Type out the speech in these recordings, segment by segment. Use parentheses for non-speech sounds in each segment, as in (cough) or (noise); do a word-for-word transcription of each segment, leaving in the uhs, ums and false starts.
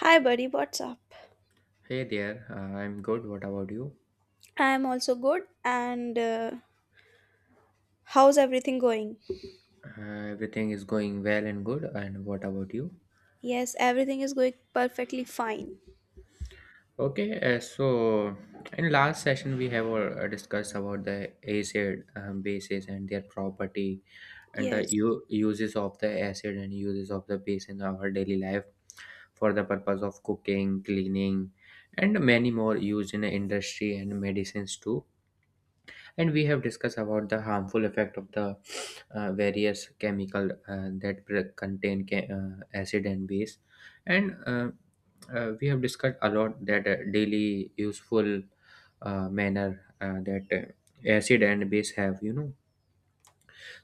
Hi, buddy, what's up? Hey there, uh, I'm good. What about you? I'm also good, and uh, how's everything going? Uh, everything is going well and good. And what about you? Yes, everything is going perfectly fine. Okay, uh, so in last session we have uh, discussed about the acid um, bases and their property and the Yes, u- uses of the acid and uses of the base in our daily life for the purpose of cooking, cleaning, and many more used in the industry and medicines too. And we have discussed about the harmful effect of the uh, various chemical uh, that pre- contain ca- uh, acid and base and uh, uh, we have discussed a lot that uh, daily useful uh, manner uh, that uh, acid and base have you know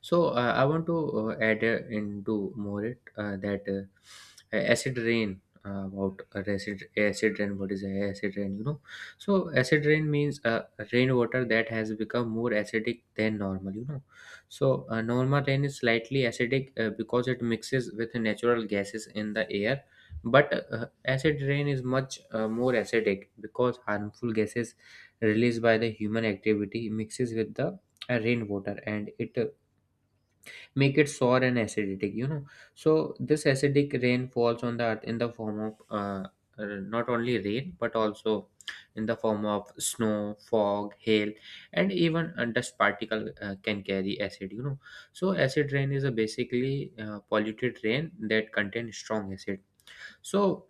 So uh, I want to uh, add uh, into more it uh, that uh, acid rain uh, about acid acid rain. What is acid rain? You know, so acid rain means uh, rainwater that has become more acidic than normal. You know, so uh, normal rain is slightly acidic uh, because it mixes with natural gases in the air. But uh, acid rain is much uh, more acidic because harmful gases released by the human activity mixes with the uh, rainwater and it uh, make it sour and acidic you know So this acidic rain falls on the earth in the form of uh, uh, not only rain but also in the form of snow, fog, hail, and even uh, dust particle uh, can carry acid you know So acid rain is a basically uh, polluted rain that contains strong acid. So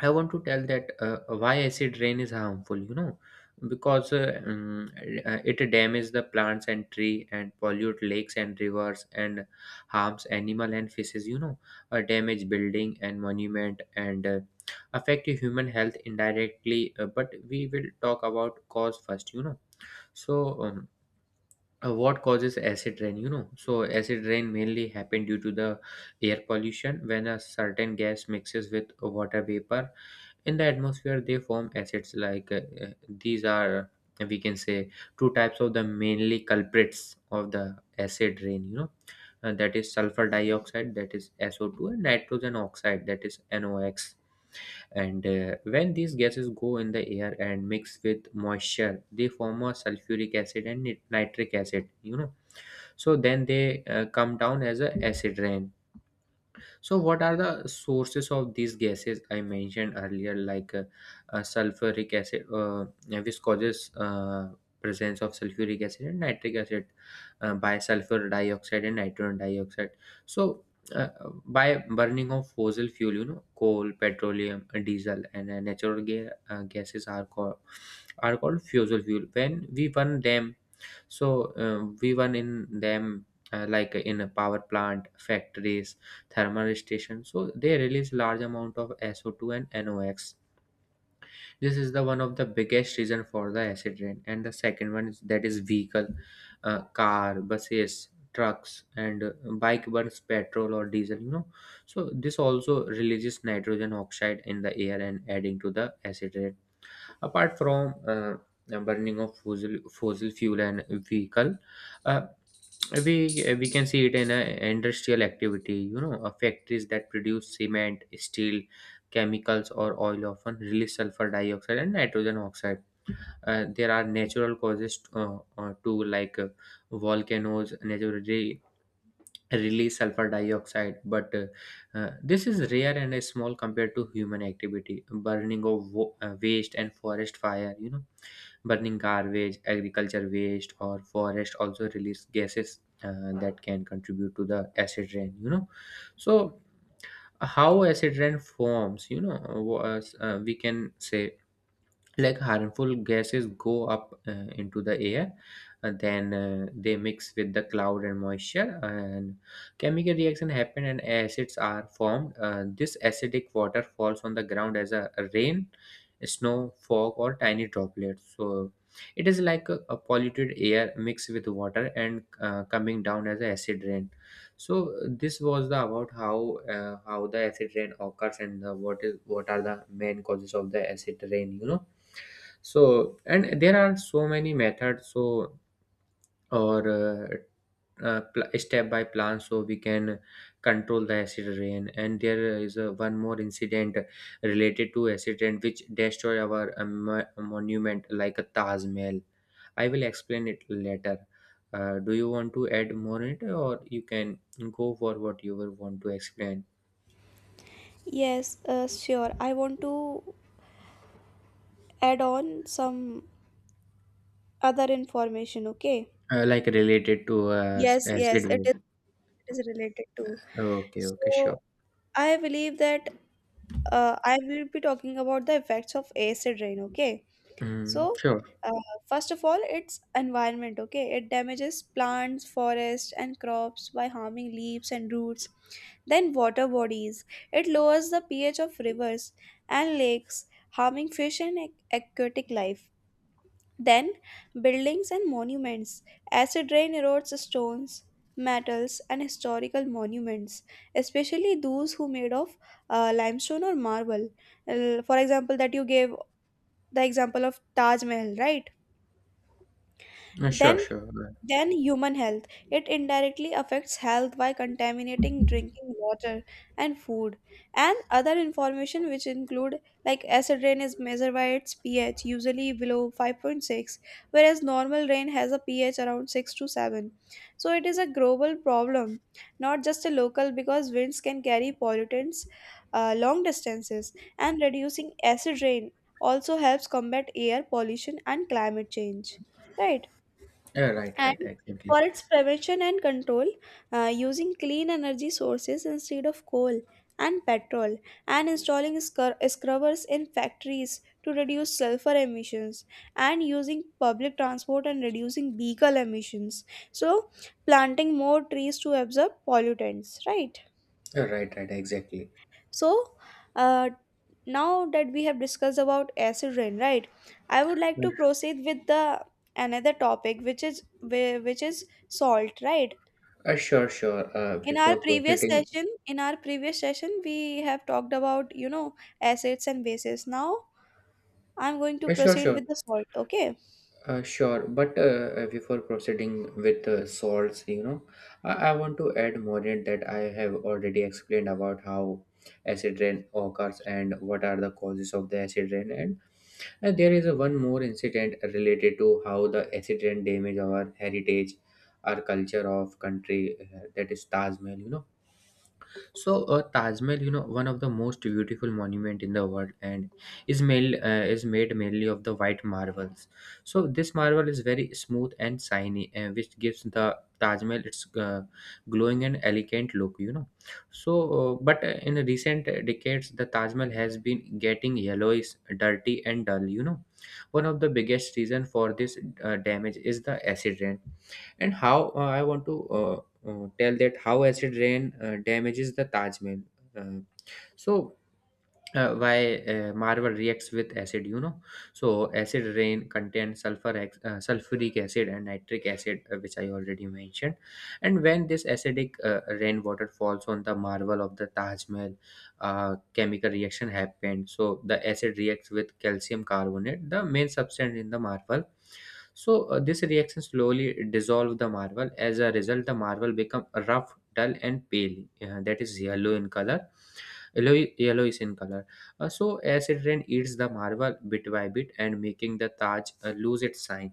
I want to tell that uh, why acid rain is harmful, you know, because uh, um, uh, it damages the plants and tree and pollute lakes and rivers and harms animal and fishes, you know, uh, damage building and monument and uh, affect human health indirectly. Uh, but we will talk about cause first, you know. So um, uh, what causes acid rain, you know? So acid rain mainly happen due to the air pollution. When a certain gas mixes with water vapor in the atmosphere, they form acids, like uh, uh, these are uh, we can say two types of the mainly culprits of the acid rain, you know. Uh, that is sulfur dioxide, that is S O two, and nitrogen oxide, that is nox. And uh, when these gases go in the air and mix with moisture, they form a sulfuric acid and nit- nitric acid, you know. So then they uh, come down as a acid rain. So, what are the sources of these gases I mentioned earlier, like uh, uh, sulfuric acid, uh, which causes uh, presence of sulfuric acid and nitric acid, uh, by sulfur dioxide and nitrogen dioxide. So, uh, by burning of fossil fuel, you know, coal, petroleum, diesel, and uh, natural ga- uh, gases are called are called fossil fuel. When we burn them, so um, we were in them, uh, like in a power plant, factories, thermal station. So they release large amount of S O two and NOx. This is the one of the biggest reason for the acid rain. And the second one is that is vehicle, uh, car, buses, trucks, and uh, bike burns petrol or diesel. You know, so this also releases nitrogen oxide in the air and adding to the acid rain. Apart from uh, burning of fossil fossil fuel and vehicle. Uh, we uh, we can see it in a industrial activity, you know. Uh, factories that produce cement, steel, chemicals or oil often release sulfur dioxide and nitrogen oxide. Uh, there are natural causes uh, uh, to, like uh, volcanoes naturally release sulfur dioxide, but uh, uh, this is rare and is small compared to human activity, burning of wo- uh, waste and forest fire, you know. Burning garbage, agriculture waste, or forest also release gases uh, that can contribute to the acid rain. You know, so how acid rain forms? You know, was uh, we can say like harmful gases go up uh, into the air, uh, then uh, they mix with the cloud and moisture and chemical reaction happen and acids are formed. Uh, this acidic water falls on the ground as a rain, snow, fog or tiny droplets. So it is like a, a polluted air mixed with water and uh, coming down as a acid rain. So uh, this was the about how uh, how the acid rain occurs and uh, what is what are the main causes of the acid rain, you know. So and there are so many methods, so or uh, uh, pl- step by plan so we can control the acid rain. And there is a, one more incident related to acid rain which destroy our uh, mo- monument like a Taj Mahal. I will explain it later. Uh, do you want to add more in it or you can go for what you will want to explain? yes, uh, sure. I want to add on some other information, okay? Uh, like related to uh, Yes, yes, acid it is, waves. it is related to. Okay, okay, So, sure. I believe that uh, I will be talking about the effects of acid rain, okay? Mm, So, sure. uh, first of all, it's environment, okay? It damages plants, forests, and crops by harming leaves and roots. Then, water bodies. It lowers the pH of rivers and lakes, harming fish and ac- aquatic life. Then, buildings and monuments. Acid rain erodes stones, metals, and historical monuments, especially those who made of uh, limestone or marble. Uh, for example, that you gave the example of Taj Mahal, right? Uh, sure, Then sure. then human health. It indirectly affects health by contaminating drinking water and food, and other information which include like acid rain is measured by its pH, usually below five point six, whereas normal rain has a pH around six to seven. So it is a global problem, not just a local, because winds can carry pollutants uh, long distances, and reducing acid rain also helps combat air pollution and climate change. Right? Yeah, right, And right, exactly. for its prevention and control, uh, using clean energy sources instead of coal and petrol, and installing scr- scrubbers in factories to reduce sulfur emissions, and using public transport and reducing vehicle emissions. So, planting more trees to absorb pollutants, right? Yeah, right, right, exactly. So, uh, now that we have discussed about acid rain, right? I would like to proceed with the another topic, which is whi- which is salt, right? Uh, sure, sure. Uh, in our before previous proceeding, session in our previous session we have talked about, you know, assets and bases. Now I'm going to uh, sure, proceed sure, with the salt, okay uh, sure. But uh, uh, before proceeding with uh, salts, you know, I, I want to add more in that. I have already explained about how acid rain occurs and what are the causes of the acid rain. And, and there is a one more incident related to how the acid rain damage our heritage, our culture of country, uh, that is Taj Mahal, you know. So, uh, Taj Mahal, you know, one of the most beautiful monument in the world, and is made uh, is made mainly of the white marbles. So, this marble is very smooth and shiny, uh, which gives the Taj Mahal its uh, glowing and elegant look. You know, so uh, but uh, in recent decades, the Taj Mahal has been getting yellowish, dirty, and dull. You know, one of the biggest reason for this uh, damage is the accident. And how uh, I want to uh, uh, tell that how acid rain uh, damages the Taj Mahal. Uh, so uh, why uh, marble reacts with acid, you know. So acid rain contains sulfur ex- uh, sulfuric acid and nitric acid, uh, which I already mentioned. And when this acidic uh, rainwater falls on the marble of the Taj Mahal, uh, chemical reaction happened. So the acid reacts with calcium carbonate, the main substance in the marble. So uh, this reaction slowly dissolve the marble. As a result, the marble become rough, dull, and pale. Uh, that is yellow in color. Yellow, yellowish in color. Uh, so acid rain eats the marble bit by bit and making the Taj uh, lose its shine.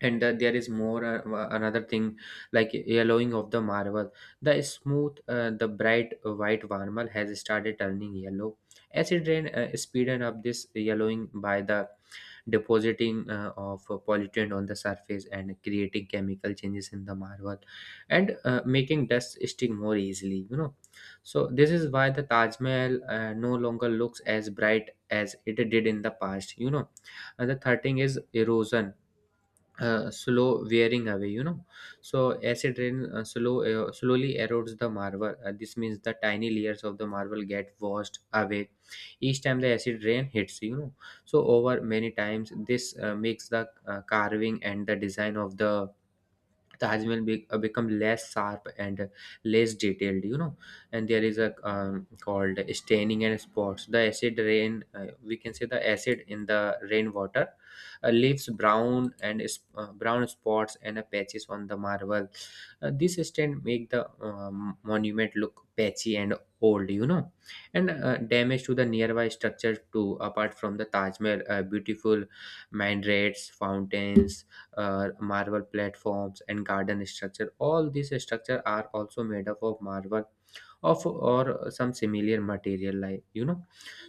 And uh, there is more uh, uh, another thing like yellowing of the marble. The smooth, uh, the bright white marble has started turning yellow. Acid rain uh, speeded up this yellowing by the depositing uh, of uh, pollutant on the surface and creating chemical changes in the marble and uh, making dust stick more easily, you know. So this is why the Taj Mahal uh, no longer looks as bright as it did in the past, you know. And the third thing is erosion, uh, slow wearing away, you know. So acid rain uh, slow uh, slowly erodes the marble. Uh, this means the tiny layers of the marble get washed away each time the acid rain hits, you know. So over many times this uh, makes the uh, carving and the design of the the has been be- uh, become less sharp and uh, less detailed, you know. And there is a um, called staining and spots. The acid rain, uh, we can say the acid in the rainwater uh, leaves brown and is- uh, brown spots and uh, patches on the marble. Uh, this stain make the um, monument look patchy and old, you know. And uh, damage to the nearby structures too. Apart from the Taj Mahal, uh, beautiful minarets, fountains, uh, marble platforms and garden structure, all these structure are also made up of marble of or some similar material, like, you know.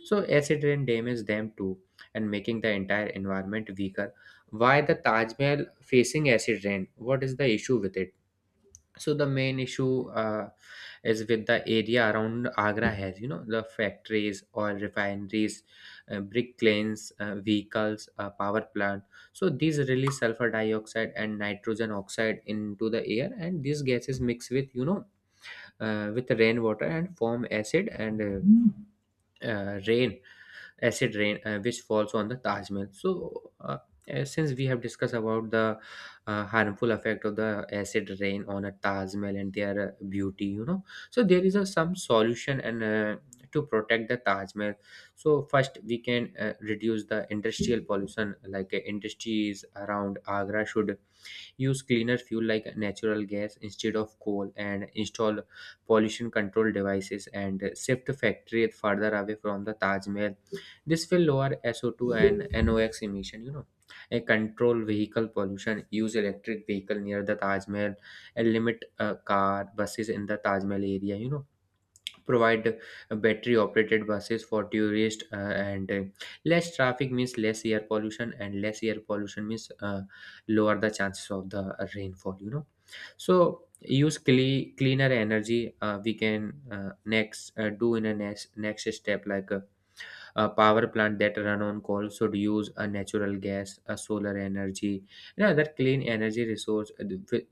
So acid rain damages them too and making the entire environment weaker. Why the Taj Mahal facing acid rain, what is the issue with it? So the main issue uh, is with the area around Agra has, you know, the factories, oil refineries, uh, brick kilns, uh, vehicles, uh, power plant. So these release sulfur dioxide and nitrogen oxide into the air, and these gases mix with, you know, uh, with rainwater and form acid and uh, uh, rain acid rain, uh, which falls on the Taj Mahal. So, uh, uh, since we have discussed about the uh, harmful effect of the acid rain on a Taj Mahal and their uh, beauty, you know, so there is a, some solution and uh, to protect the Taj Mahal. So first, we can uh, reduce the industrial pollution, like uh, industries around Agra should use cleaner fuel like natural gas instead of coal, and install pollution control devices and shift factory further away from the Taj Mahal. This will lower S O two and NOx emission, you know. A control vehicle pollution, use electric vehicle near the Taj Mahal, and limit uh, car, buses in the Taj Mahal area, you know provide battery operated buses for tourists, uh, and uh, less traffic means less air pollution, and less air pollution means uh, lower the chances of the rainfall you know so use cle- cleaner energy. Uh, we can, uh, next, uh, do in a next next step, like a, a power plant that run on coal should use a natural gas, a solar energy and other clean energy resource. Uh, th-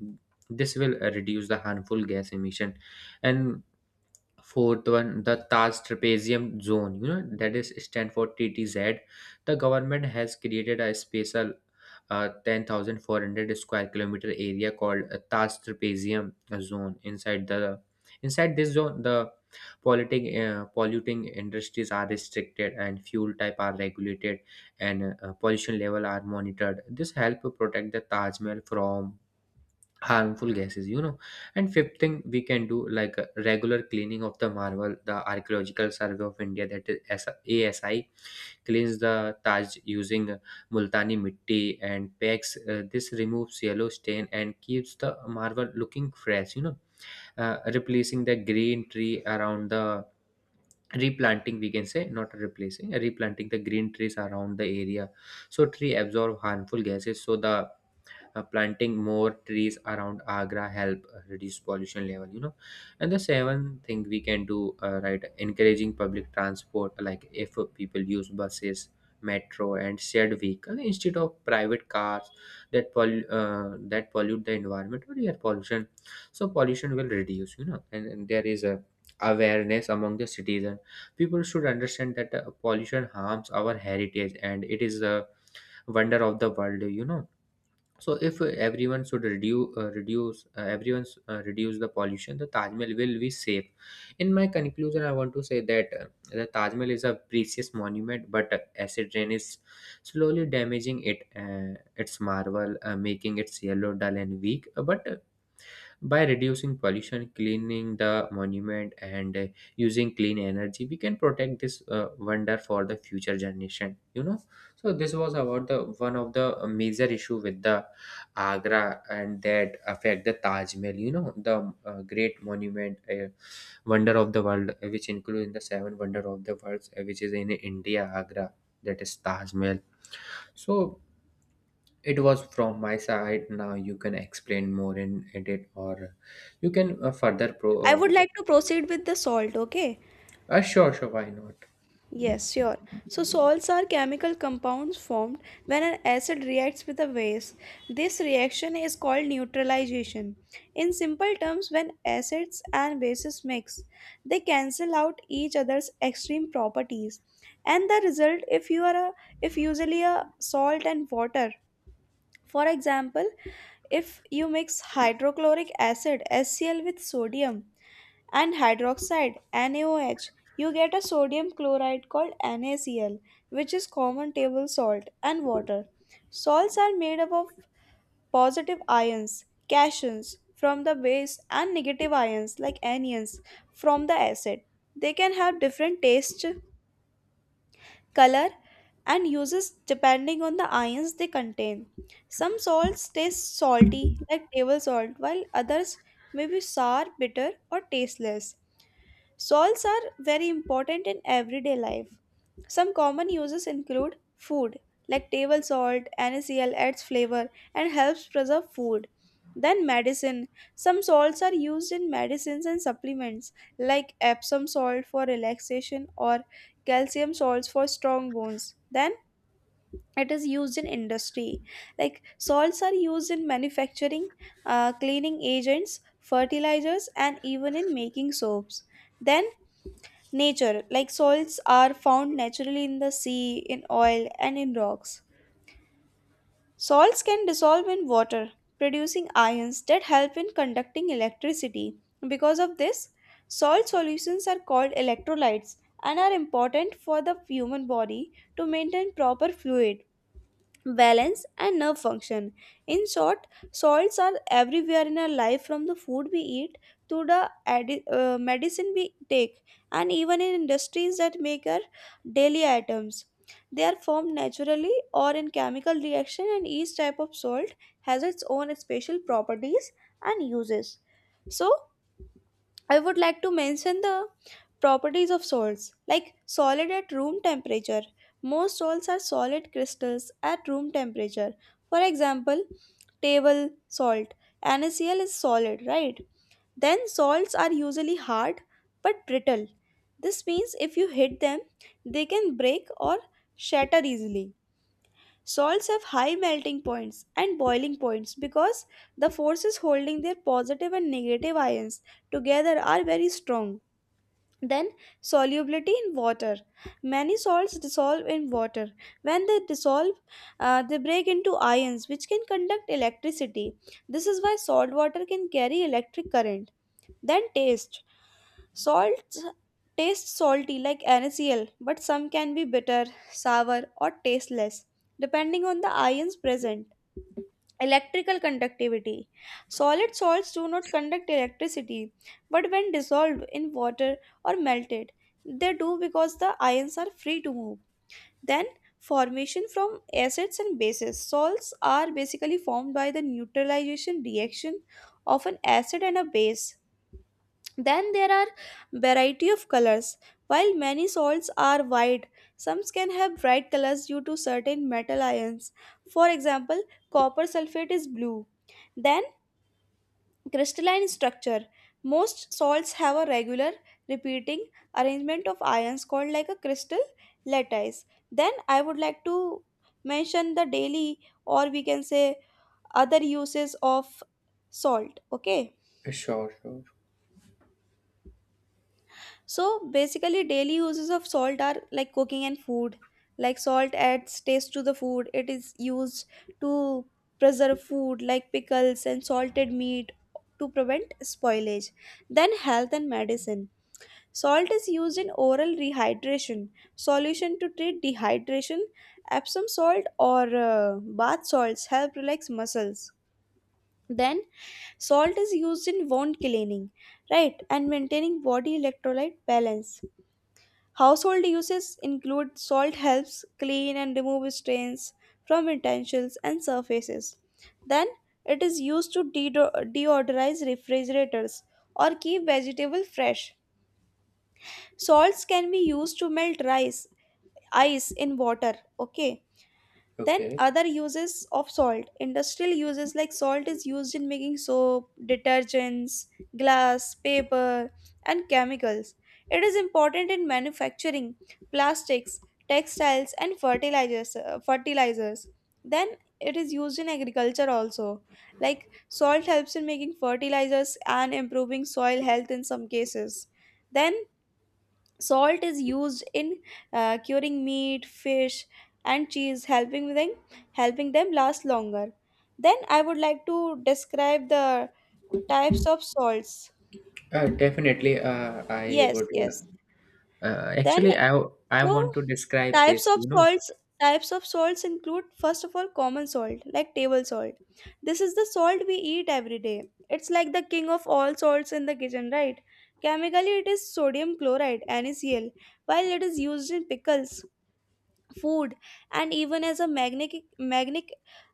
this will uh, reduce the harmful gas emission. And fourth one, the Taj Trapezium Zone, you know, that is stand for T T Z. The government has created a special uh, ten thousand four hundred square kilometer area called uh, Taj Trapezium Zone. Inside the inside this zone, the polluting uh, polluting industries are restricted and fuel type are regulated, and uh, pollution level are monitored. This help protect the Taj Mahal from harmful gases you know And fifth thing we can do, like a regular cleaning of the marble. The Archaeological Survey of India, that is S- ASI, cleans the Taj using multani mitti and packs uh, This removes yellow stain and keeps the marble looking fresh you know uh, Replacing the green tree around the, replanting we can say, not replacing, uh, replanting the green trees around the area. So tree absorb harmful gases, so the uh, planting more trees around Agra help uh, reduce pollution level you know And the seventh thing we can do, uh, right, encouraging public transport, like if uh, people use buses, metro and shared vehicle instead of private cars that pollu- uh, that pollute the environment, or air pollution. So pollution will reduce you know and, and there is a awareness among the citizen. People should understand that uh, pollution harms our heritage, and it is a wonder of the world you know So if uh, everyone should reduce, uh, reduce uh, everyone's uh, reduce the pollution, the Taj Mahal will be safe. In my conclusion, I want to say that, uh, the Taj Mahal is a precious monument, but uh, acid rain is slowly damaging it, uh, its marvel, uh, making its yellow, dull, and weak. Uh, But uh, by reducing pollution, cleaning the monument, and uh, using clean energy, we can protect this uh, wonder for the future generation. You know, so this was about the one of the major issue with the Agra and that affect the Taj Mahal. You know, the uh, great monument, uh, wonder of the world, uh, which include in the seven wonder of the world, uh, which is in India, Agra. That is Taj Mahal. So it was from my side. Now you can explain more in edit, or you can uh, further I would pro. like to proceed with the salt okay Uh, uh, sure, sure. Why not? Yes, sure. So salts are chemical compounds formed when an acid reacts with a base. This reaction is called neutralization. In simple terms, when acids and bases mix, they cancel out each other's extreme properties. And the result, if you are a if usually, a salt and water. For example, if you mix hydrochloric acid HCl with sodium, and hydroxide NaOH. You get a sodium chloride called NaCl, which is common table salt, and water. Salts are made up of positive ions, cations from the base, and negative ions like anions from the acid. They can have different taste, color, and uses depending on the ions they contain. Some salts taste salty like table salt while others may be sour, bitter, or tasteless. Salts are very important in everyday life. Some common uses include food, like table salt, NaCl adds flavor and helps preserve food. Then medicine. Some salts are used in medicines and supplements, like Epsom salt for relaxation, or calcium salts for strong bones. Then it is used in industry, like salts are used in manufacturing, uh, cleaning agents, fertilizers, and even in making soaps. Then nature, like salts, are found naturally in the sea, in oil, and in rocks. Salts can dissolve in water, producing ions that help in conducting electricity. Because of this, salt solutions are called electrolytes and are important for the human body to maintain proper fluid balance and nerve function. In short, salts are everywhere in our life, from the food we eat to the adi- uh, medicine we take, and even in industries that make our daily items. They are formed naturally or in chemical reaction, and each type of salt has its own special properties and uses. So I would like to mention the properties of salts, like solid at room temperature. Most salts are solid crystals at room temperature. For example, table salt. NaCl is solid, right? Then salts are usually hard but brittle. This means if you hit them, they can break or shatter easily. Salts have high melting points and boiling points because the forces holding their positive and negative ions together are very strong. Then, solubility in water. Many salts dissolve in water. When they dissolve, uh, they break into ions, which can conduct electricity. This is why salt water can carry electric current. Then, taste. Salts taste salty like NaCl, but some can be bitter, sour, or tasteless, depending on the ions present. Electrical conductivity: solid salts do not conduct electricity, but when dissolved in water or melted. They do because the ions are free to move. Then formation from acids and bases. Salts are basically formed by the neutralization reaction of an acid and a base. Then there are variety of colors. While many salts are white, some can have bright colors due to certain metal ions. For example, copper sulfate is blue. Then crystalline structure. Most salts have a regular repeating arrangement of ions called like a crystal lattice. Then I would like to mention the daily, or we can say other uses of salt. Okay. Uh, Sure, sure. So basically daily uses of salt are like cooking and food. Like salt adds taste to the food. It is used to preserve food like pickles and salted meat to prevent spoilage. Then health and medicine. Salt is used in oral rehydration solution to treat dehydration. Epsom salt or uh, bath salts help relax muscles. Then salt is used in wound cleaning, right, and maintaining body electrolyte balance. Household uses include salt helps clean and remove stains from utensils and surfaces. Then it is used to deo- deodorize refrigerators or keep vegetable fresh. Salts can be used to melt rice ice in water, okay? Then Okay. other uses of salt, industrial uses, like salt is used in making soap, detergents, glass, paper, and chemicals. It is important in manufacturing plastics, textiles, and fertilizers uh, fertilizers. Then it is used in agriculture also, like salt helps in making fertilizers and improving soil health in some cases. Then salt is used in uh, curing meat, fish, and cheese, helping them helping them last longer. Then I would like to describe the types of salts. Uh, definitely. Uh, I Yes, would. yes. Uh, Then Actually, I I so want to describe types this. of You know. salts types of salts include, first of all, common salt like table salt. This is the salt we eat every day. It's like the king of all salts in the kitchen, right? Chemically it is sodium chloride, NaCl, while it is used in pickles, food, and even as a magnetic magnetic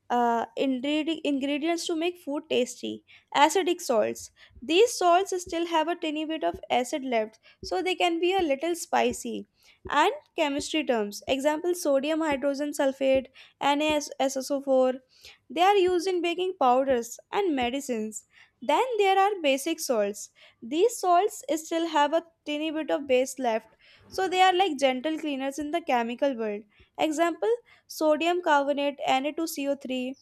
uh, ingredi- ingredients to make food tasty. Acidic salts: these salts still have a tiny bit of acid left, so they can be a little spicy and chemistry terms. Example: sodium hydrogen sulfate, N a S S O four. They are used in baking powders and medicines. Then there are basic salts. These salts still have a tiny bit of base left, so they are like gentle cleaners in the chemical world. Example: sodium carbonate, Na2CO3,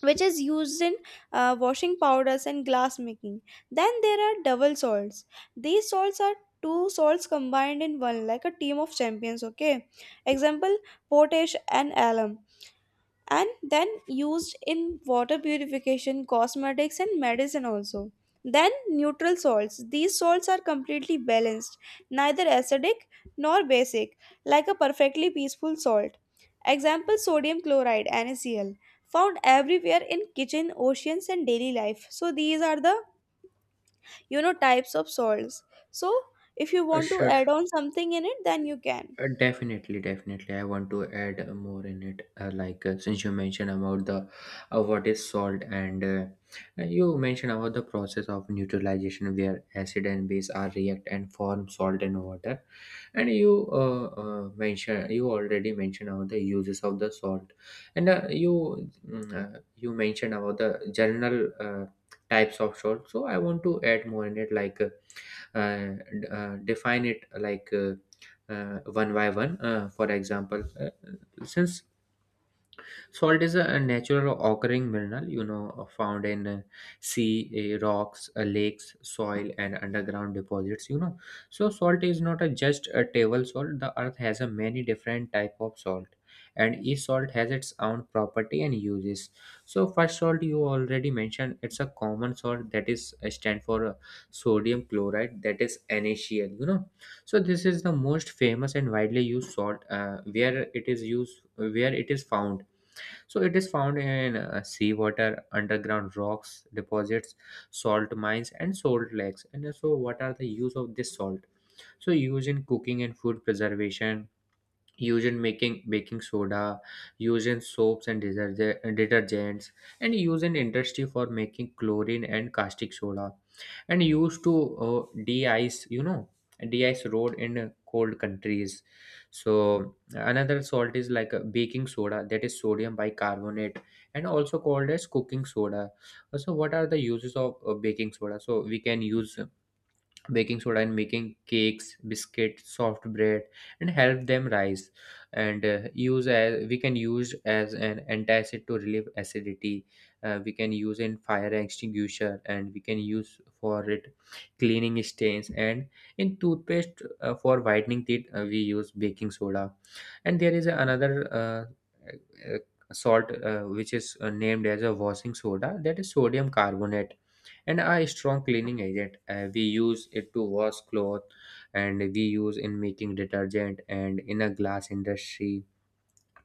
which is used in uh, washing powders and glass making. Then there are double salts. These salts are two salts combined in one, like a team of champions, okay? Example: potash and alum, and then used in water purification, cosmetics, and medicine also. Then neutral salts. These salts are completely balanced, neither acidic nor basic, like a perfectly peaceful salt. Example sodium chloride, NaCl, found everywhere in kitchen, oceans, and daily life. So these are the, you know, types of salts. So if you Uh, want to sure, add on something in it, then you can. Uh, Definitely, definitely. I want to add uh, more in it. Uh, like uh, since you mentioned about the, uh, what is salt, and uh, uh, you mentioned about the process of neutralization where acid and base are react and form salt and water. And you uh, uh, mentioned you already mentioned about the uses of the salt, and uh, you mm, uh, you mentioned about the general uh, types of salt. So I want to add more in it, like. uh, uh, d- uh, Define it like uh, uh, one by one. Uh, for example, uh, since salt is a natural occurring mineral, you know, found in uh, sea, uh, rocks, uh, lakes, soil, and underground deposits. You know, so salt is not a just a table salt. The earth has a many different type of salt, and each salt has its own property and uses. So first salt you already mentioned, it's a common salt that is uh, stand for uh, sodium chloride, that is NaCl. You know, so this is the most famous and widely used salt, uh, where it is used, where it is found, so it is found in uh, seawater, underground rocks deposits, salt mines, and salt lakes. And so, what are the use of this salt? So, used in cooking and food preservation, used in making baking soda, used in soaps and deterge- detergents, and used in industry for making chlorine and caustic soda, and used to uh, de-ice you know de-ice road in uh, cold countries. So another salt is like a baking soda, that is sodium bicarbonate, and also called as cooking soda. So what are the uses of uh, baking soda? So we can use baking soda in making cakes, biscuit, soft bread, and help them rise. And uh, use as we can use as an antacid to relieve acidity. Uh, we can use in fire extinguisher, and we can use for it cleaning stains, and in toothpaste, uh, for whitening teeth, uh, we use baking soda. And there is another uh, uh, salt, uh, which is uh, named as a washing soda, that is sodium carbonate and a strong cleaning agent. Uh, we use it to wash cloth, and we use in making detergent and in a glass industry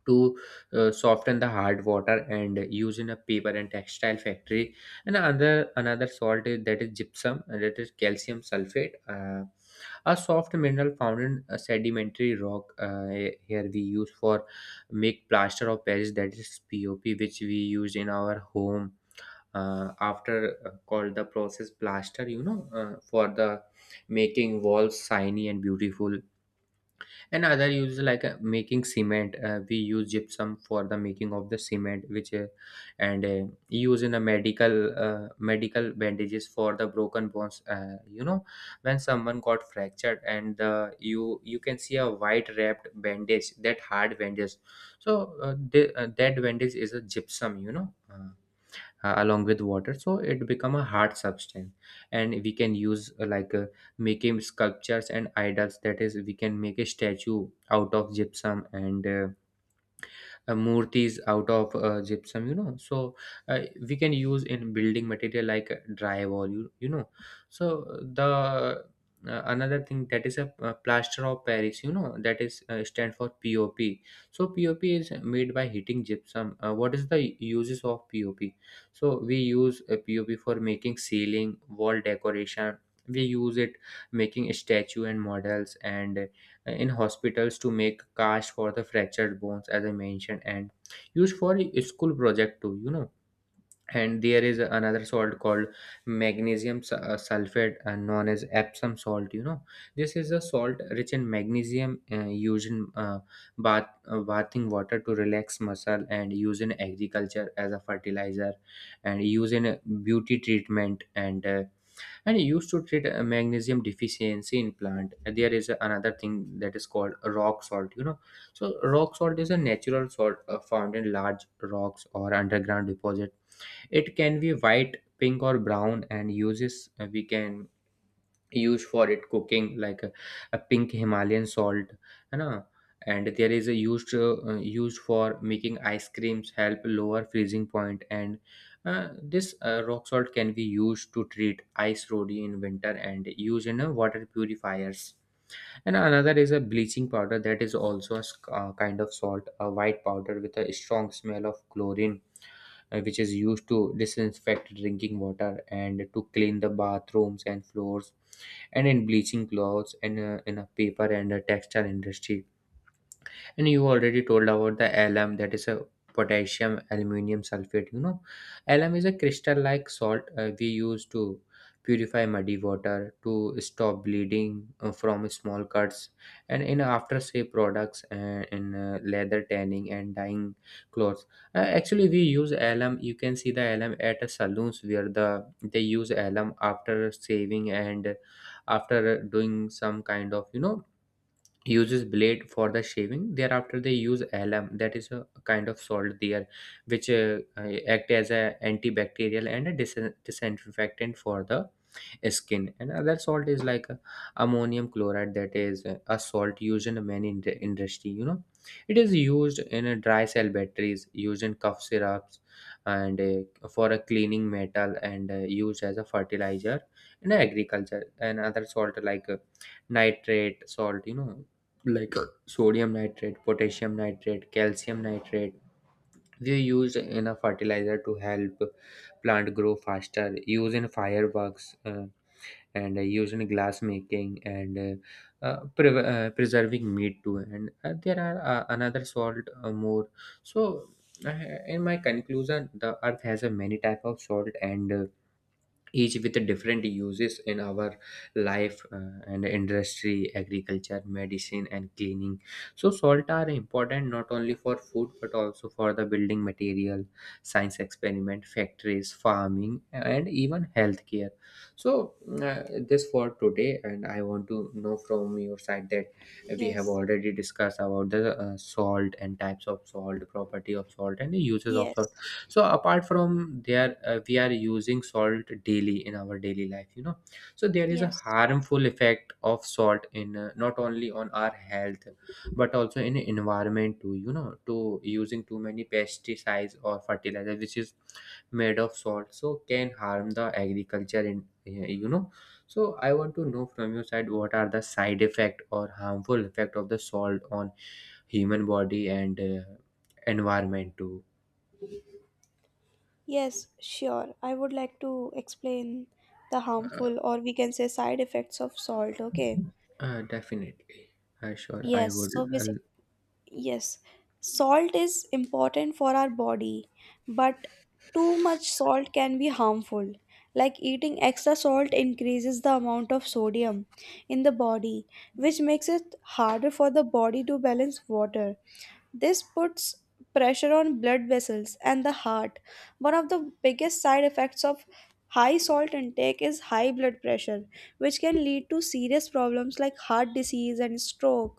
to uh, soften the hard water, and use in a paper and textile factory. And another another salt is, that is gypsum, and that is calcium sulfate. Uh, a soft mineral found in a sedimentary rock. Uh, here we use for make plaster of paris, that is pop, which we use in our home, uh, after uh, called the process plaster, you know uh, for the making walls shiny and beautiful. And other uses like uh, making cement, uh, we use gypsum for the making of the cement, which uh, and uh, use in a medical uh, medical bandages for the broken bones. Uh, you know when someone got fractured, and uh, you you can see a white wrapped bandage, that hard bandage, so uh, the, uh, that bandage is a gypsum, you know uh, uh, along with water, so it become a hard substance. And we can use, uh, like uh, making sculptures and idols, that is we can make a statue out of gypsum, and uh, uh, murtis out of uh, gypsum. You know so uh, we can use in building material, like uh, drywall. you, you know so the uh, Another thing that is a, uh, plaster of paris, you know that is uh, stand for pop. So pop is made by heating gypsum. Uh, what is the uses of pop? So we use a pop for making ceiling wall decoration, we use it making statue and models, and in hospitals to make cast for the fractured bones, as I mentioned, and used for school project too. You know and there is another salt called magnesium su- uh, sulfate, uh, known as Epsom salt. You know this is a salt rich in magnesium, uh, used in uh, bath uh, bathing water to relax muscle, and used in agriculture as a fertilizer, and used in uh, beauty treatment, and uh, and used to treat a magnesium deficiency in plant. And there is another thing that is called rock salt. You know so rock salt is a natural salt, uh, found in large rocks or underground deposit. It can be white, pink or brown, and uses, uh, we can used for it cooking, like a, a pink Himalayan salt, है ना. And there is a used uh, uh, used for making ice creams, help lower freezing point. And uh, this uh, rock salt can be used to treat ice road in winter, and used in uh, water purifiers. And another is a bleaching powder, that is also a s- uh, kind of salt, a white powder with a strong smell of chlorine, uh, which is used to disinfect drinking water, and to clean the bathrooms and floors, and in bleaching clothes, and uh, in a paper and a textile industry. And you already told about the alum, that is a potassium aluminum sulfate. You know alum is a crystal like salt, uh, we use to purify muddy water, to stop bleeding uh, from small cuts, and in aftershave products, and in uh, leather tanning and dyeing clothes. Uh, actually we use alum, you can see the alum at a saloons where the they use alum after shaving, and after doing some kind of, you know uses blade for the shaving, thereafter they use alum, that is a kind of salt there, which uh, uh, act as a antibacterial and a dis- disinfectant for the skin. And other salt is like a ammonium chloride, that is a a salt used in many ind- industry. You know. It is used in a dry cell batteries, used in cough syrups and uh, for a cleaning metal and uh, used as a fertilizer in agriculture. And other salt like uh, nitrate salt, you know, like uh, sodium nitrate, potassium nitrate, calcium nitrate. They are used in a fertilizer to help plant grow faster. Used in fireworks, uh, and uh, used in glass making and uh, uh, pre- uh, preserving meat too and uh, there are uh, another salt uh, more so uh, in my conclusion the earth has a many type of salt and uh, each with different uses in our life uh, and industry, agriculture, medicine, and cleaning. So salt are important not only for food but also for the building material, science experiment, factories, farming, and even healthcare. so uh, this for today and I want to know from your side that we have Yes. already discussed about the uh, salt and types of salt, property of salt, and the uses of salt. Yes. So apart from there, uh, we are using salt daily in our daily life, you know. So there is a Yes. harmful effect of salt in uh, not only on our health but also in environment too, you know, to using too many pesticides or fertilizer which is made of salt so can harm the agriculture in eh, you know. So I want to know from your side what are the side effect or harmful effect of the salt on human body and uh, environment too. Yes, sure. I would like to explain the harmful, or we can say side effects of salt, okay? Uh, definitely. Uh, sure, I Yes, would. so basically, Uh, yes. Salt is important for our body, but too much salt can be harmful. Like eating extra salt increases the amount of sodium in the body, which makes it harder for the body to balance water. This puts pressure on blood vessels and the heart. One of the biggest side effects of high salt intake is high blood pressure, which can lead to serious problems like heart disease and stroke.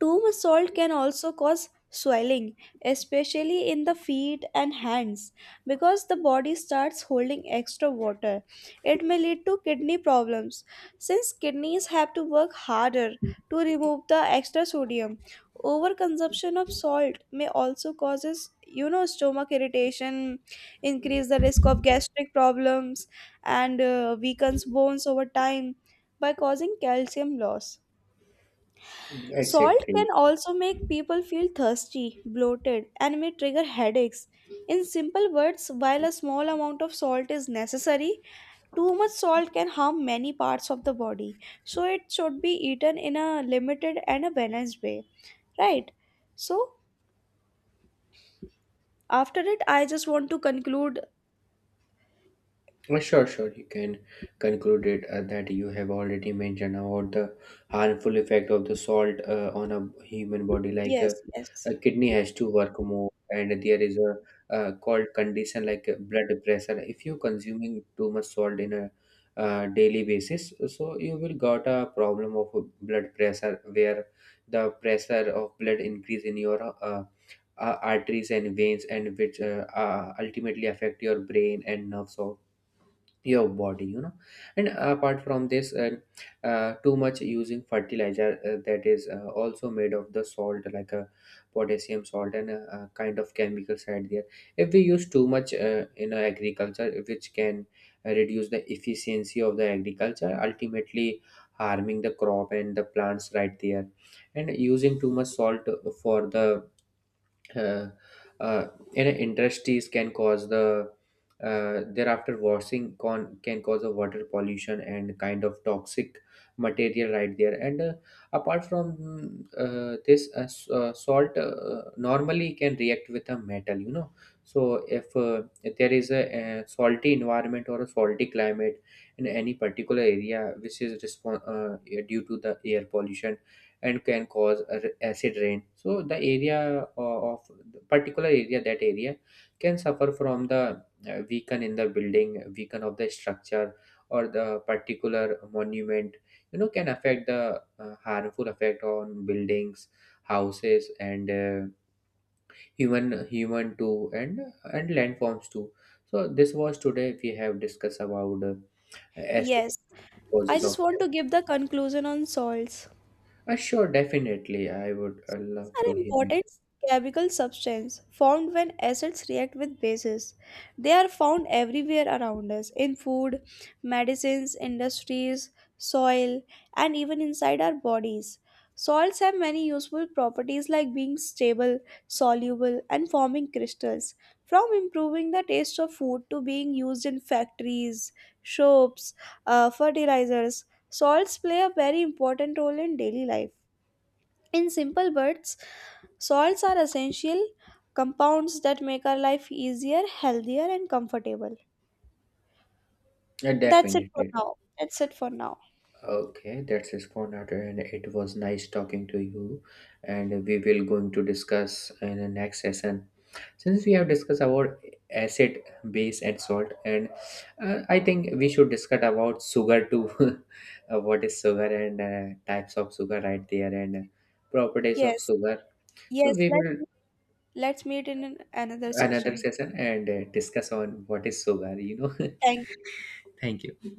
Too much salt can also cause swelling, especially in the feet and hands, because the body starts holding extra water. It may lead to kidney problems, since kidneys have to work harder to remove the extra sodium. Overconsumption of salt may also causes, you know, stomach irritation, increase the risk of gastric problems, and uh, weakens bones over time by causing calcium loss. Salt can Exactly. also make people feel thirsty, bloated, and may trigger headaches. In simple words, while a small amount of salt is necessary, too much salt can harm many parts of the body. So it should be eaten in a limited and a balanced way, right? So after it, I just want to conclude. Uh, Sure, sure. You can conclude it uh, that you have already mentioned about the harmful effect of the salt uh, on a human body. Like uh, Yes, yes, a kidney has to work more, and there is a uh, called condition like uh, blood pressure. If you consuming too much salt in a uh, daily basis, so you will got a problem of blood pressure where the pressure of blood increase in your uh, uh, arteries and veins, and which uh, uh, ultimately affect your brain and nerves of your body, you know. And apart from this, uh, uh, too much using fertilizer uh, that is uh, also made of the salt, like a potassium salt and a, a kind of chemicals right there. If we use too much uh, in our agriculture, which can uh, reduce the efficiency of the agriculture, ultimately harming the crop and the plants right there. And using too much salt for the uh, uh, in industries can cause the uh, thereafter washing con- can cause a water pollution and kind of toxic material right there. And uh, apart from uh, this uh, s- uh, salt uh, normally can react with a metal, you know. So if, uh, if there is a, uh salty environment or a salty climate in any particular area which is respon- uh, due to the air pollution and can cause a r- acid rain. So the area o- of the particular area, that area can suffer from the uh, weaken in the building, weaken of the structure or the particular monument, you know. Can affect the uh, harmful effect on buildings, houses, and uh, human human too, and and landforms too. So this was today we have discussed about uh, acid, yes. I causes of just want death. to give the conclusion on salts. Uh, sure, definitely, I would uh, Acids love to are hear. important chemical substance formed when acids react with bases. They are found everywhere around us, in food, medicines, industries, soil, and even inside our bodies. Soils have many useful properties like being stable, soluble, and forming crystals. From improving the taste of food to being used in factories, soaps, uh, fertilizers, soils play a very important role in daily life. In simple words, salts are essential compounds that make our life easier, healthier, and comfortable. Yeah, That's it for definitely. now. That's it for now. Okay, that's it for now, and it was nice talking to you. And we will going to discuss in the next session. Since we have discussed about acid, base, and salt, and uh, I think we should discuss about sugar too. (laughs) Uh, what is sugar and uh, types of sugar right there and properties of Yes, sugar. So yes. we Let's will Let's meet in an- another another session. session and uh, discuss on what is sugar. You know. (laughs) Thank Thank you.